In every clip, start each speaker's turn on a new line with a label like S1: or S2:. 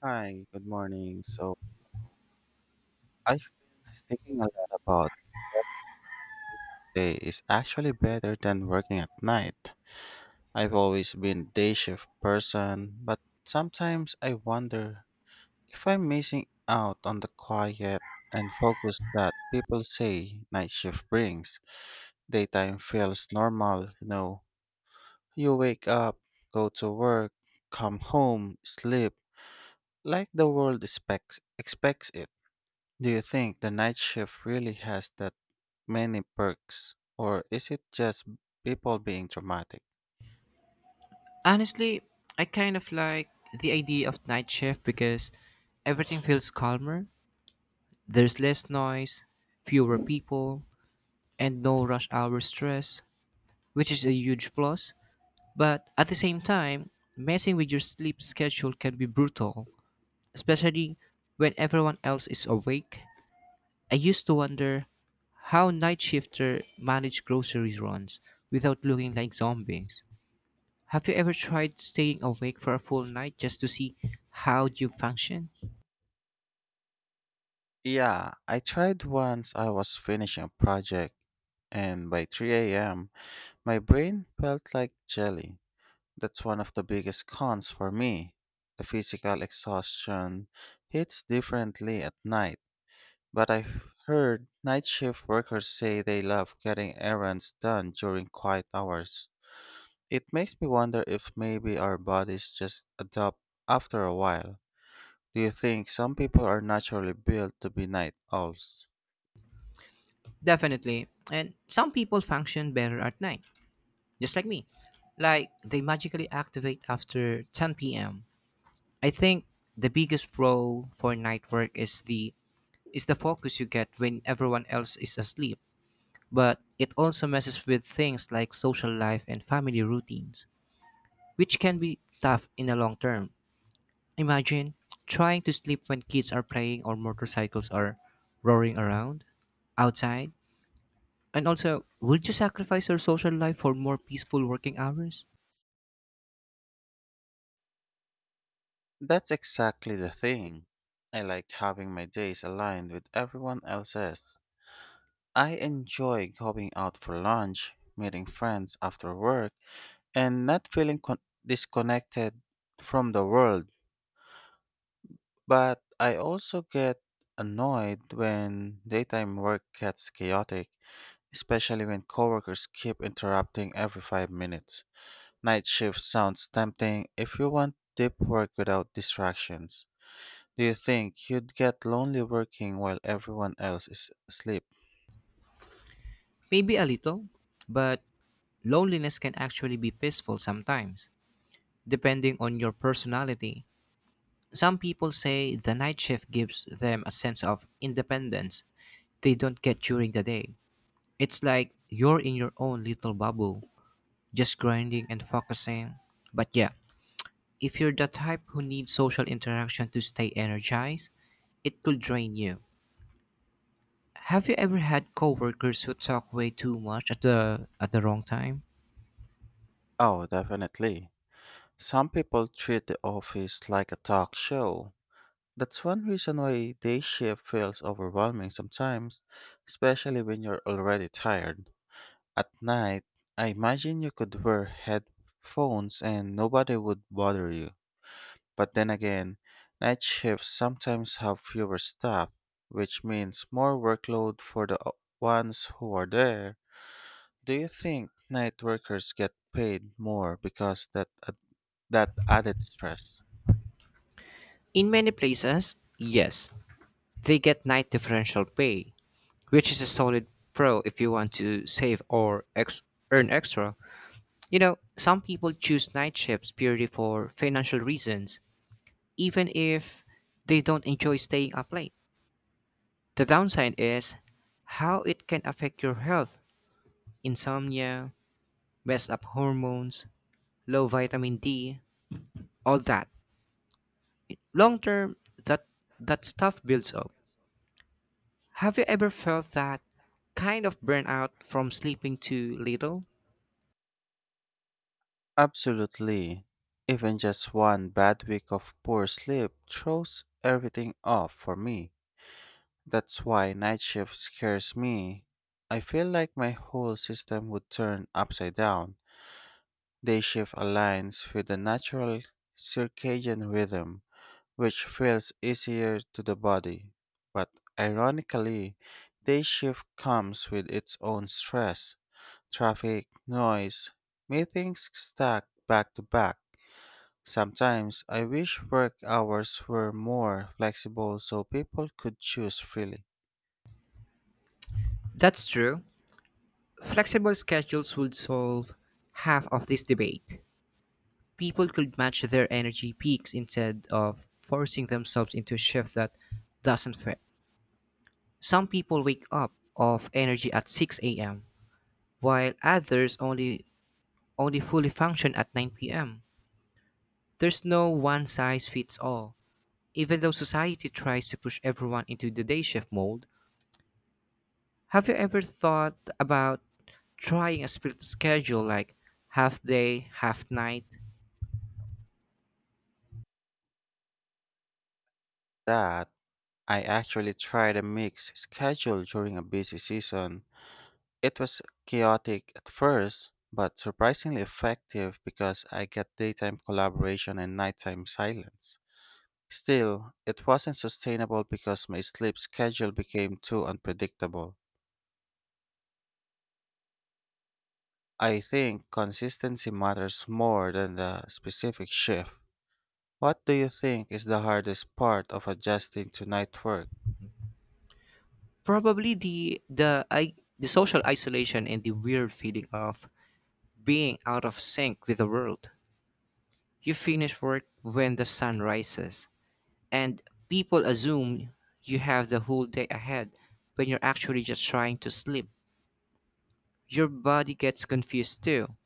S1: Hi, good morning. So I've been thinking a lot about day is actually better than working at night. I've always been day shift person, but sometimes I wonder if I'm missing out on the quiet and focus that people say night shift brings. Daytime feels normal, you know. You wake up, go to work, come home, sleep, like the world expects it. Do you think the night shift really has that many perks? Or is it just people being dramatic?
S2: Honestly, I kind of like the idea of night shift because everything feels calmer. There's less noise, fewer people, and no rush hour stress, which is a huge plus. But at the same time, messing with your sleep schedule can be brutal, especially when everyone else is awake. I used to wonder how night shifter manage grocery runs without looking like zombies. Have you ever tried staying awake for a full night just to see how you function?
S1: Yeah, I tried once I was finishing a project, and by 3 a.m., my brain felt like jelly. That's one of the biggest cons for me. The physical exhaustion hits differently at night, but I've heard night shift workers say they love getting errands done during quiet hours. It makes me wonder if maybe our bodies just adapt after a while. Do you think some people are naturally built to be night owls?
S2: Definitely. And some people function better at night, just like me. Like they magically activate after 10 p.m. I think the biggest pro for night work is the focus you get when everyone else is asleep, but it also messes with things like social life and family routines, which can be tough in the long term. Imagine trying to sleep when kids are playing or motorcycles are roaring around outside. And also, would you sacrifice your social life for more peaceful working hours?
S1: That's exactly the thing. I like having my days aligned with everyone else's. I enjoy going out for lunch, meeting friends after work, and not feeling disconnected from the world. But I also get annoyed when daytime work gets chaotic, especially when coworkers keep interrupting every 5 minutes. Night shift sounds tempting if you want deep work without distractions. Do you think you'd get lonely working while everyone else is asleep?
S2: Maybe a little, but loneliness can actually be peaceful sometimes, depending on your personality. Some people say the night shift gives them a sense of independence they don't get during the day. It's like you're in your own little bubble, just grinding and focusing. But yeah, if you're the type who needs social interaction to stay energized, it could drain you. Have you ever had coworkers who talk way too much at the wrong time?
S1: Oh, definitely. Some people treat the office like a talk show. That's one reason why day shift feels overwhelming sometimes, especially when you're already tired. At night, I imagine you could wear headphones and nobody would bother you. But then again, night shifts sometimes have fewer staff, which means more workload for ones who are there. Do you think night workers get paid more because that ad- that added stress?
S2: In many places, yes. They get night differential pay, which is a solid pro if you want to save or earn extra. You know, some people choose night shifts purely for financial reasons, even if they don't enjoy staying up late. The downside is how it can affect your health, insomnia, messed up hormones, low vitamin D, all that. Long term, that that stuff builds up. Have you ever felt that kind of burnout from sleeping too little?
S1: Absolutely. Even just one bad week of poor sleep throws everything off for me. That's why night shift scares me. I feel like my whole system would turn upside down. Day shift aligns with the natural circadian rhythm, which feels easier to the body. But ironically, day shift comes with its own stress, traffic, noise, meetings stacked back to back. Sometimes I wish work hours were more flexible so people could choose freely.
S2: That's true. Flexible schedules would solve half of this debate. People could match their energy peaks instead of forcing themselves into a shift that doesn't fit. Some people wake up off energy at 6 a.m., while others only fully function at 9 p.m. There's no one size fits all. Even though society tries to push everyone into the day shift mold, have you ever thought about trying a split schedule like half day, half night?
S1: That I actually tried a mixed schedule during a busy season. It was chaotic at first, but surprisingly effective because I got daytime collaboration and nighttime silence. Still, it wasn't sustainable because my sleep schedule became too unpredictable. I think consistency matters more than the specific shift. What do you think is the hardest part of adjusting to night work?
S2: Probably the social isolation and the weird feeling of being out of sync with the world. You finish work when the sun rises, and people assume you have the whole day ahead when you're actually just trying to sleep. Your body gets confused too.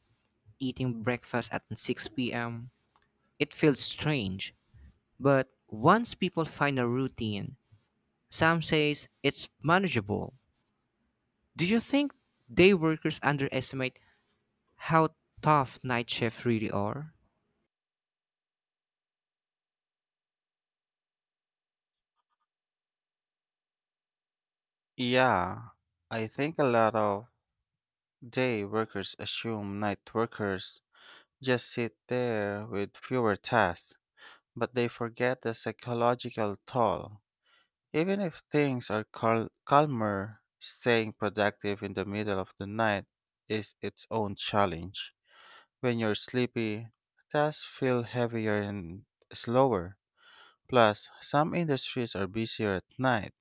S2: Eating breakfast at 6 p.m., it feels strange. But once people find a routine, Sam says it's manageable. Do you think day workers underestimate how tough night shifts really are?
S1: Yeah, I think a lot of day workers assume night workers just sit there with fewer tasks, but they forget the psychological toll. Even if things are calmer, staying productive in the middle of the night is its own challenge. When you're sleepy, tasks feel heavier and slower. Plus, some industries are busier at night,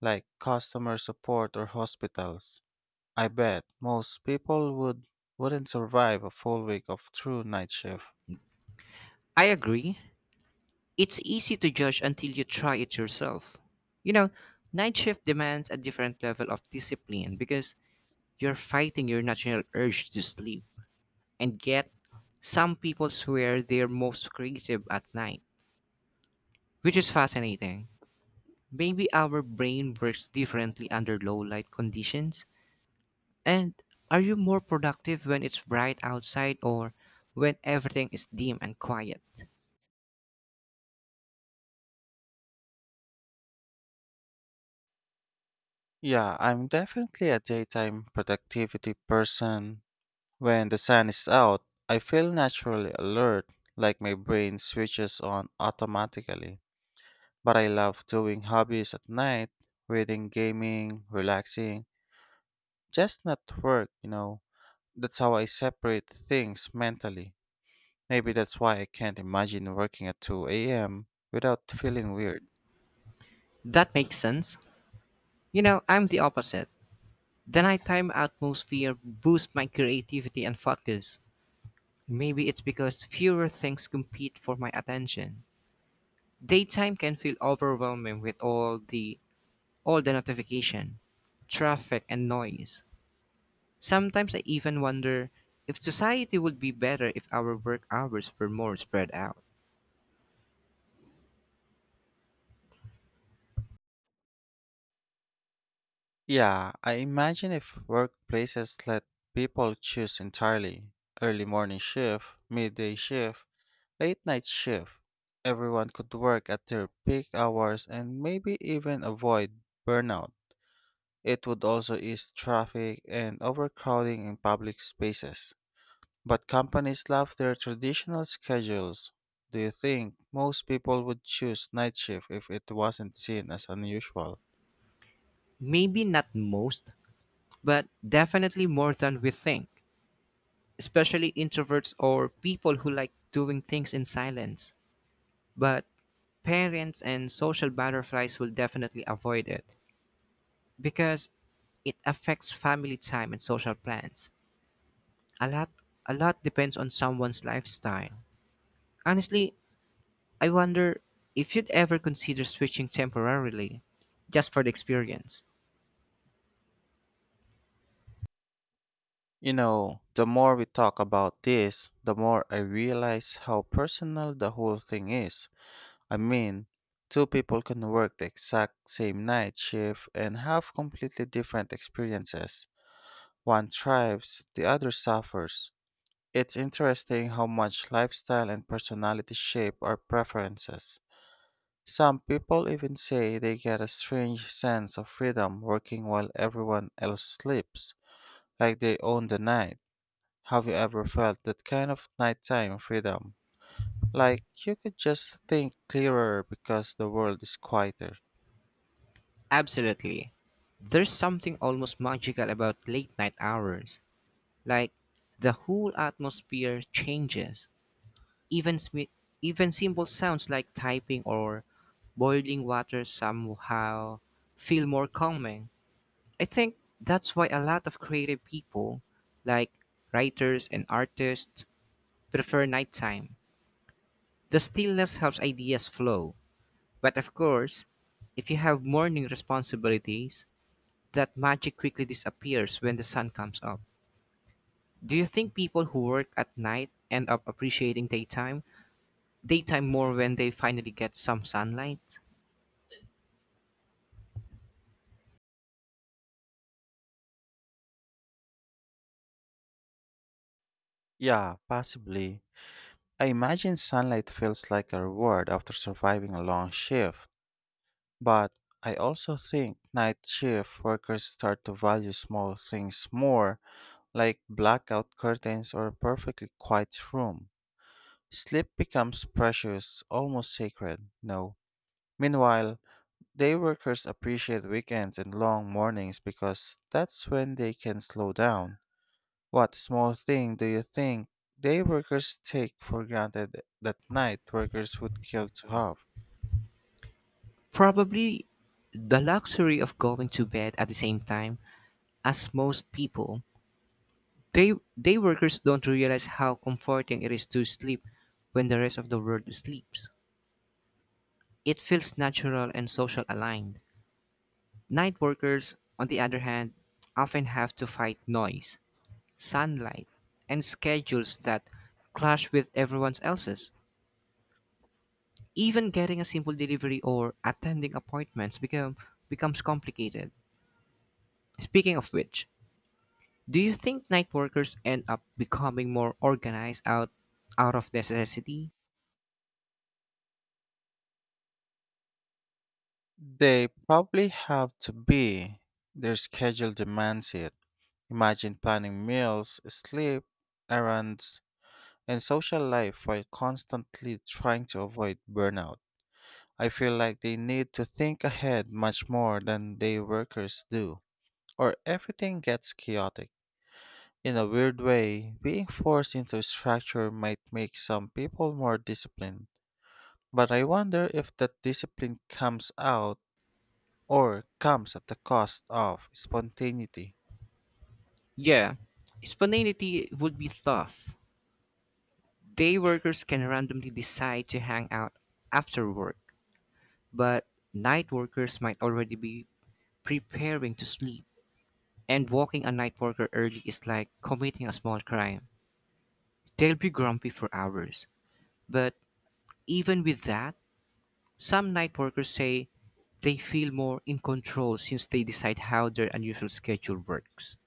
S1: like customer support or hospitals. I bet most people would wouldn't survive a full week of true night shift.
S2: I agree. It's easy to judge until you try it yourself. You know, night shift demands a different level of discipline because you're fighting your natural urge to sleep. And yet, some people swear they're most creative at night, which is fascinating. Maybe our brain works differently under low light conditions. And are you more productive when it's bright outside or when everything is dim and quiet?
S1: Yeah, I'm definitely a daytime productivity person. When the sun is out, I feel naturally alert, like my brain switches on automatically. But I love doing hobbies at night, reading, gaming, relaxing, just not work, That's how I separate things mentally. Maybe that's why I can't imagine working at 2 a.m. without feeling weird.
S2: That makes sense. You know, I'm the opposite. The nighttime atmosphere boosts my creativity and focus. Maybe it's because fewer things compete for my attention. Daytime can feel overwhelming with all the notification, traffic, and noise. Sometimes I even wonder if society would be better if our work hours were more spread out.
S1: Yeah, I imagine if workplaces let people choose entirely, early morning shift, midday shift, late night shift. Everyone could work at their peak hours and maybe even avoid burnout. It would also ease traffic and overcrowding in public spaces. But companies love their traditional schedules. Do you think most people would choose night shift if it wasn't seen as unusual?
S2: Maybe not most, but definitely more than we think, especially introverts or people who like doing things in silence. But parents and social butterflies will definitely avoid it because it affects family time and social plans. A lot a lot depends on someone's lifestyle. Honestly, I wonder if you'd ever consider switching temporarily, just for the experience.
S1: You know, the more we talk about this, the more I realize how personal the whole thing is. I mean, two people can work the exact same night shift and have completely different experiences. One thrives, the other suffers. It's interesting how much lifestyle and personality shape our preferences. Some people even say they get a strange sense of freedom working while everyone else sleeps, like they own the night. Have you ever felt that kind of nighttime freedom? Like you could just think clearer because the world is quieter.
S2: Absolutely. There's something almost magical about late night hours. Like the whole atmosphere changes. Even smi- Even simple sounds like typing or boiling water somehow feel more calming. I think that's why a lot of creative people, like writers and artists, prefer nighttime. The stillness helps ideas flow. But of course, if you have morning responsibilities, that magic quickly disappears when the sun comes up. Do you think people who work at night end up appreciating daytime? Daytime more when they finally get some sunlight?
S1: Yeah, possibly. I imagine sunlight feels like a reward after surviving a long shift. But I also think night shift workers start to value small things more, like blackout curtains or a perfectly quiet room. Sleep becomes precious, almost sacred, no. Meanwhile, day workers appreciate weekends and long mornings because that's when they can slow down. What small thing do you think day workers take for granted that night workers would kill to have?
S2: Probably the luxury of going to bed at the same time as most people. Day, Day workers don't realize how comforting it is to sleep when the rest of the world sleeps. It feels natural and social aligned. Night workers, on the other hand, often have to fight noise, sunlight, and schedules that clash with everyone else's. Even getting a simple delivery or attending appointments becomes complicated. Speaking of which, do you think night workers end up becoming more out of necessity?
S1: They probably have to be. Their schedule demands it. Imagine planning meals, sleep, errands, and social life while constantly trying to avoid burnout. I feel like they need to think ahead much more than day workers do, or everything gets chaotic. In a weird way, being forced into a structure might make some people more disciplined, but I wonder if that discipline comes out or comes at the cost of spontaneity.
S2: Yeah, spontaneity would be tough. Day workers can randomly decide to hang out after work, but night workers might already be preparing to sleep. And walking a night worker early is like committing a small crime. They'll be grumpy for hours. But even with that, some night workers say they feel more in control since they decide how their unusual schedule works.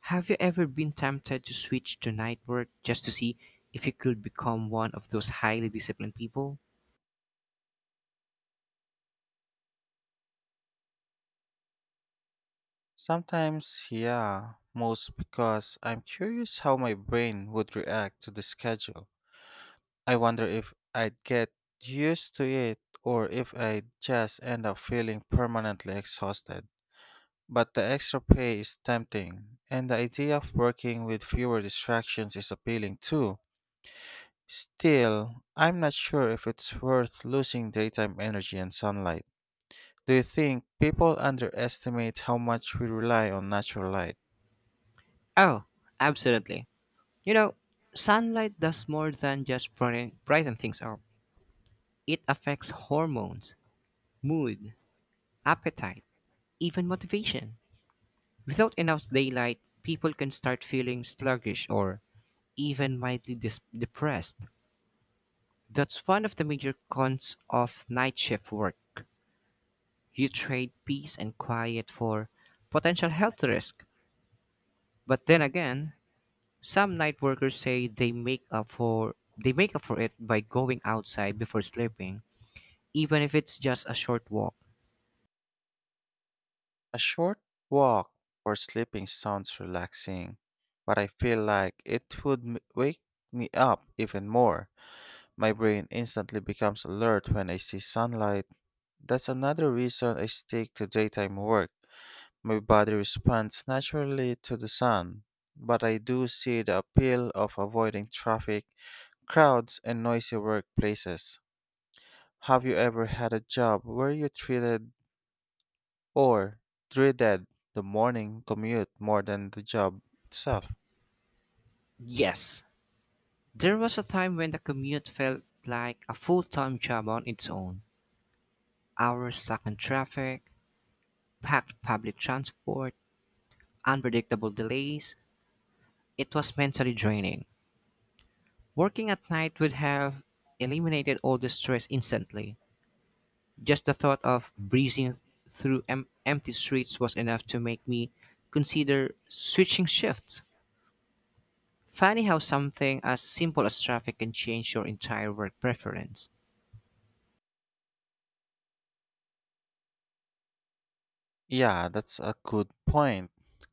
S2: Have you ever been tempted to switch to night work just to see if you could become one of those highly disciplined people?
S1: Sometimes, yeah, most because I'm curious how my brain would react to the schedule. I wonder if I'd get used to it or if I'd just end up feeling permanently exhausted. But the extra pay is tempting, and the idea of working with fewer distractions is appealing too. Still, I'm not sure if it's worth losing daytime energy and sunlight. Do you think people underestimate how much we rely on natural light?
S2: Oh, absolutely. You know, sunlight does more than just brighten things up. It affects hormones, mood, appetite, even motivation. Without enough daylight, people can start feeling sluggish or even depressed. That's one of the major cons of night shift work. You trade peace and quiet for potential health risk. But then again, some night workers say they make up for it by going outside before sleeping, even if it's just a short walk.
S1: A short walk for sleeping sounds relaxing, but I feel like it would wake me up even more. My brain instantly becomes alert when I see sunlight. That's another reason I stick to daytime work. My body responds naturally to the sun, but I do see the appeal of avoiding traffic, crowds, and noisy workplaces. Have you ever had a job where you treated or dreaded the morning commute more than the job itself?
S2: Yes, there was a time when the commute felt like a full time job on its own. Hours stuck in traffic, packed public transport, unpredictable delays. It was mentally draining. Working at night would have eliminated all the stress instantly. Just the thought of breezing empty streets was enough to make me consider switching shifts. Funny how something as simple as traffic can change your entire work preference.
S1: Yeah, that's a good point.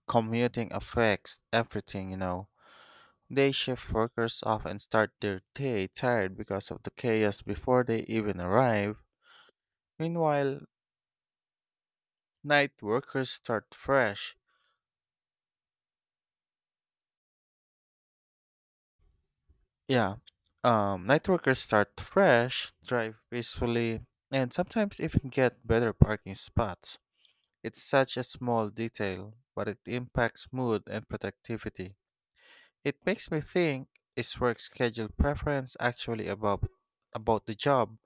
S1: Commuting affects everything, you know. Day shift workers often start their day tired because of the chaos before they even arrive. Meanwhile, night workers start fresh. Yeah. Night workers start fresh, drive peacefully, and sometimes even get better parking spots. It's such a small detail, but it impacts mood and productivity. It makes me think, is work schedule preference actually about the job,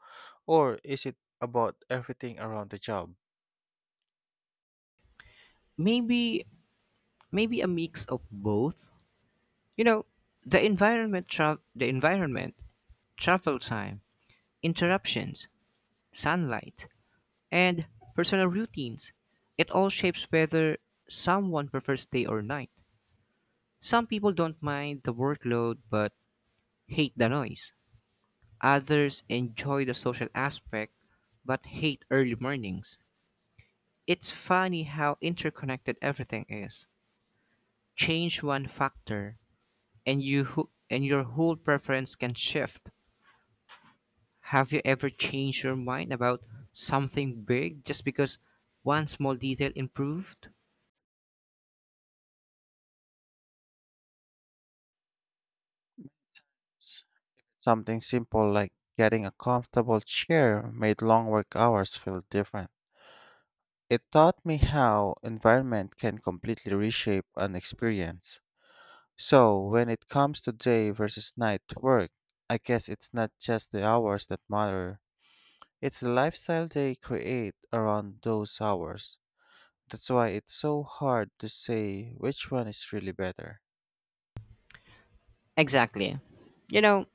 S1: or is it about everything around the job?
S2: maybe maybe a mix of both. You know, the environment, travel time, interruptions, sunlight, and personal routines, it all shapes whether someone prefers day or night. Some people don't mind the workload but hate the noise, others enjoy the social aspect but hate early mornings. It's funny how interconnected everything is. Change one factor and your whole preference can shift. Have you ever changed your mind about something big just because one small detail improved?
S1: S- Something simple like getting a comfortable chair made long work hours feel different. It taught me how environment can completely reshape an experience. So, when it comes to day versus night work, I guess it's not just the hours that matter, it's the lifestyle they create around those hours. That's why it's so hard to say which one is really better.
S2: Exactly. You know,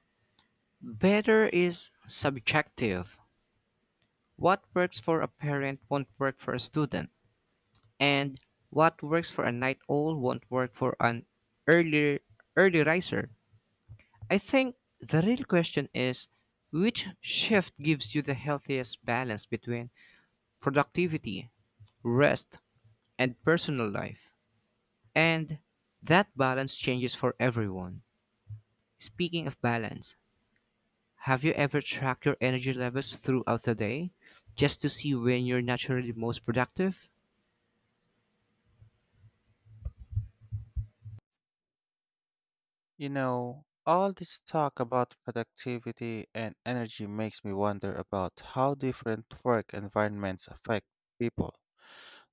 S2: better is subjective. What works for a parent won't work for a student, and what works for a night owl won't work for an early early riser. I think the real question is which shift gives you the healthiest balance between productivity, rest, and personal life. And that balance changes for everyone. Speaking of balance, have you ever tracked your energy levels throughout the day just to see when you're naturally most productive?
S1: You know, all this talk about productivity and energy makes me wonder about how different work environments affect people.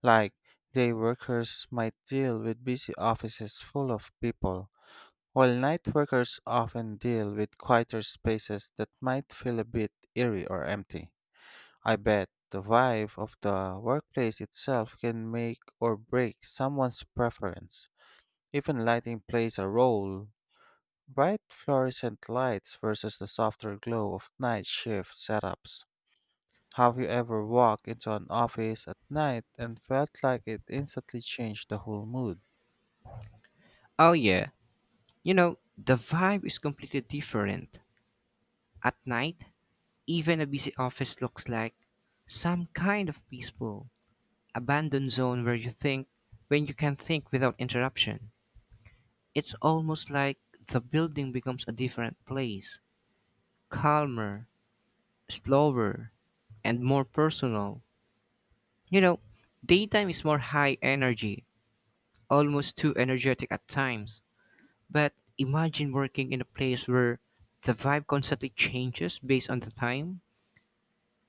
S1: Like, day workers might deal with busy offices full of people, while night workers often deal with quieter spaces that might feel a bit eerie or empty. I bet the vibe of the workplace itself can make or break someone's preference. Even lighting plays a role. Bright fluorescent lights versus the softer glow of night shift setups. Have you ever walked into an office at night and felt like it instantly changed the whole mood?
S2: Oh, yeah. You know, the vibe is completely different. At night, even a busy office looks like some kind of peaceful, abandoned zone where when you can think without interruption. It's almost like the building becomes a different place, calmer, slower, and more personal. You know, daytime is more high energy, almost too energetic at times. But imagine working in a place where the vibe constantly changes based on the time.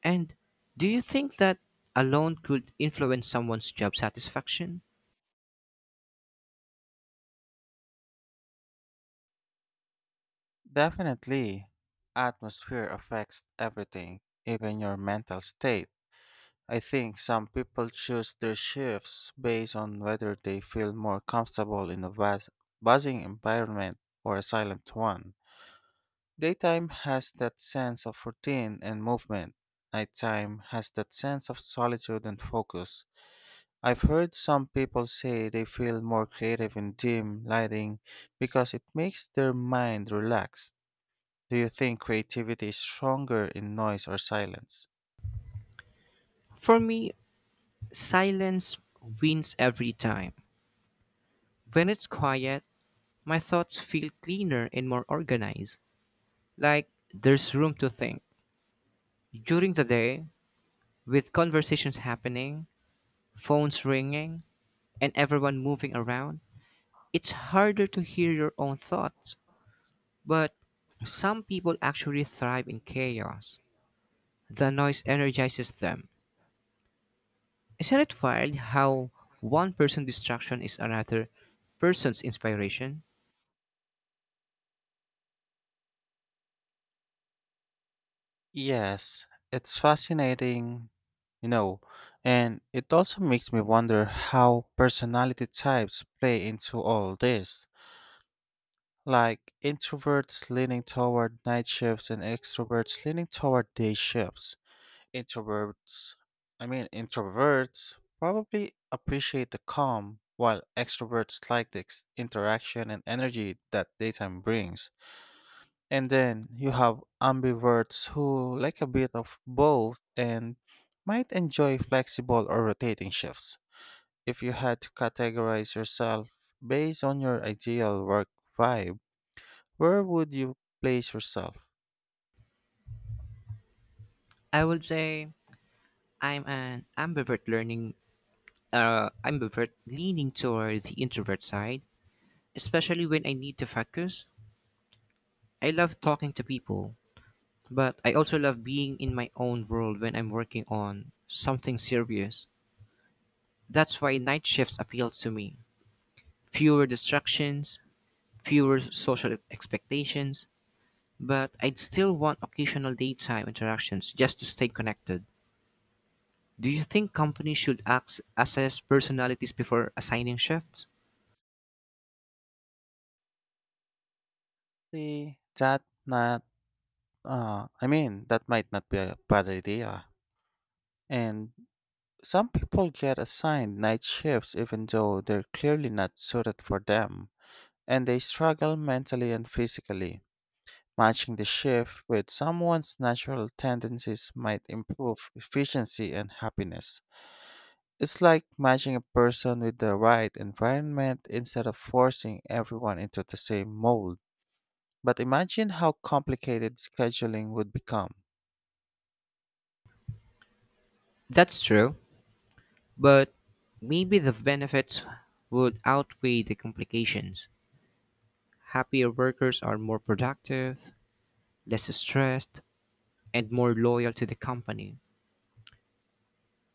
S2: And do you think that alone could influence someone's job satisfaction?
S1: Definitely. Atmosphere affects everything, even your mental state. I think some people choose their shifts based on whether they feel more comfortable in a buzzing environment or a silent one. Daytime has that sense of routine and movement. Nighttime has that sense of solitude and focus. I've heard some people say they feel more creative in dim lighting because it makes their mind relax. Do you think creativity is stronger in noise or silence?
S2: For me, silence wins every time. When it's quiet, my thoughts feel cleaner and more organized, like there's room to think. During the day, with conversations happening, phones ringing, and everyone moving around, it's harder to hear your own thoughts. But some people actually thrive in chaos. The noise energizes them. Isn't it wild how one person's distraction is another person's inspiration?
S1: Yes, it's fascinating, you know, and it also makes me wonder how personality types play into all this. Like introverts leaning toward night shifts and extroverts leaning toward day shifts. Introverts, Introverts probably appreciate the calm, while extroverts like the interaction and energy that daytime brings. And then you have ambiverts who like a bit of both and might enjoy flexible or rotating shifts. If you had to categorize yourself based on your ideal work vibe, where would you place yourself?
S2: I would say I'm an ambivert learning I'm a bit leaning toward the introvert side, especially when I need to focus. I love talking to people, but I also love being in my own world when I'm working on something serious. That's why night shifts appeal to me. Fewer distractions, fewer social expectations, but I'd still want occasional daytime interactions just to stay connected. Do you think companies should assess personalities before assigning shifts?
S1: See, that not, I mean, That might not be a bad idea. And some people get assigned night shifts even though they're clearly not suited for them, and they struggle mentally and physically. Matching the shift with someone's natural tendencies might improve efficiency and happiness. It's like matching a person with the right environment instead of forcing everyone into the same mold. But imagine how complicated scheduling would become.
S2: That's true. But maybe the benefits would outweigh the complications. Happier workers are more productive, less stressed, and more loyal to the company.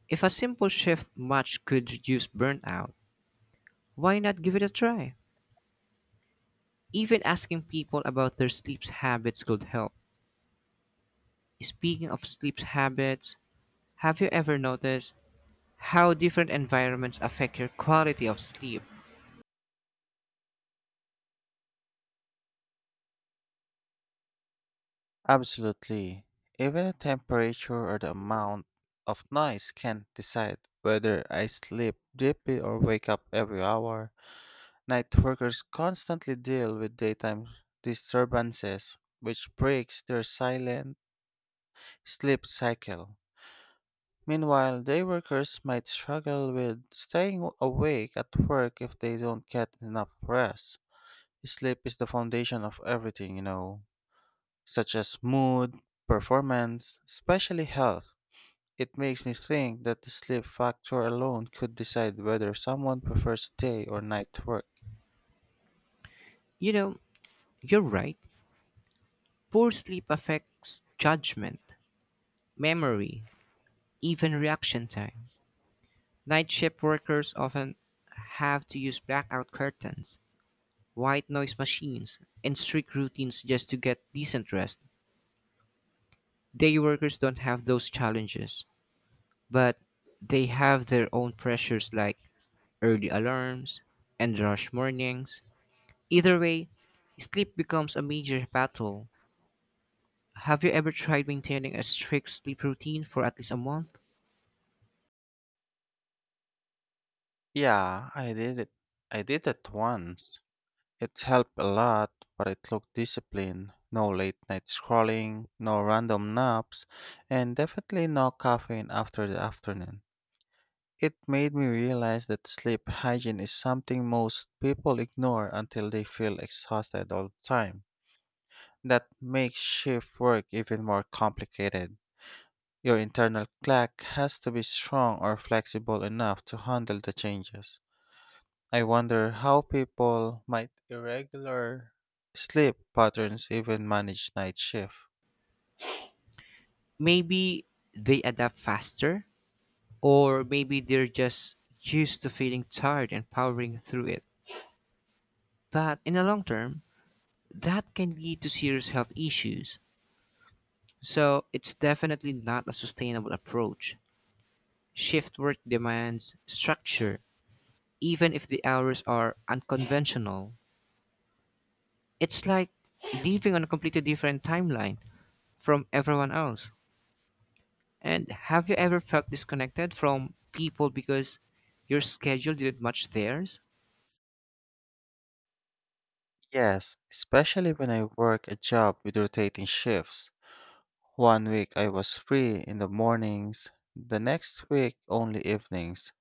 S2: If a simple shift match could reduce burnout, why not give it a try? Even asking people about their sleep habits could help. Speaking of sleep habits, have you ever noticed how different environments affect your quality of sleep?
S1: Absolutely. Even the temperature or the amount of noise can decide whether I sleep deeply or wake up every hour. Night workers constantly deal with daytime disturbances, which breaks their silent sleep cycle. Meanwhile, day workers might struggle with staying awake at work if they don't get enough rest. Sleep is the foundation of everything, you know, such as mood, performance, especially health. It makes me think that the sleep factor alone could decide whether someone prefers day or night work.
S2: You know, you're right. Poor sleep affects judgment, memory, even reaction time. Night shift workers often have to use blackout curtains, white noise machines, and strict routines just to get decent rest. Day workers don't have those challenges, but they have their own pressures like early alarms and rush mornings. Either way, sleep becomes a major battle. Have you ever tried maintaining a strict sleep routine for at least a month?
S1: Yeah, I did it. I did it once. It helped a lot, but it took discipline. No late night scrolling, no random naps, and definitely no caffeine after the afternoon. It made me realize that sleep hygiene is something most people ignore until they feel exhausted all the time. That makes shift work even more complicated. Your internal clock has to be strong or flexible enough to handle the changes. I wonder how people might irregular sleep patterns even manage night shift.
S2: Maybe they adapt faster. Or maybe they're just used to feeling tired and powering through it. But in the long term, that can lead to serious health issues. So it's definitely not a sustainable approach. Shift work demands structure, even if the hours are unconventional. It's like living on a completely different timeline from everyone else. And have you ever felt disconnected from people because your schedule didn't match theirs?
S1: Yes, especially when I work a job with rotating shifts. One week I was free in the mornings, the next week only evenings,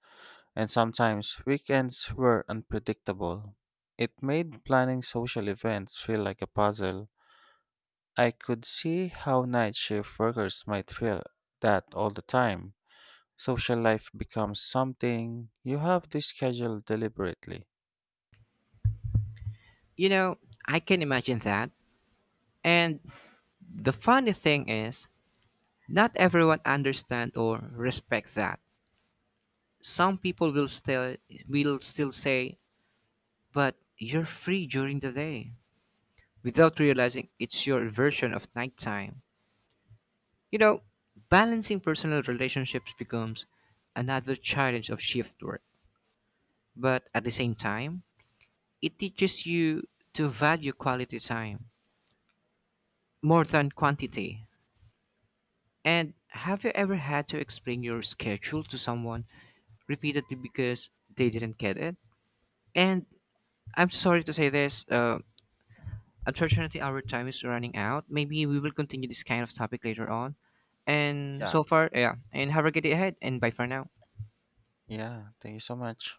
S1: and sometimes weekends were unpredictable. It made planning social events feel like a puzzle. I could see how night shift workers might feel that all the time. Social life becomes something you have to schedule deliberately.
S2: You know, I can imagine that. And the funny thing is, not everyone understand or respect that. Some people will still say, "But you're free during the day," without realizing it's your version of nighttime. You know, balancing personal relationships becomes another challenge of shift work. But at the same time, it teaches you to value quality time more than quantity. And have you ever had to explain your schedule to someone repeatedly because they didn't get it. And I'm sorry to say this. Unfortunately, our time is running out. Maybe we will continue this kind of topic later on. And
S1: Yeah.
S2: so far, yeah. And have a good day ahead. And bye for now.
S1: Yeah. Thank you so much.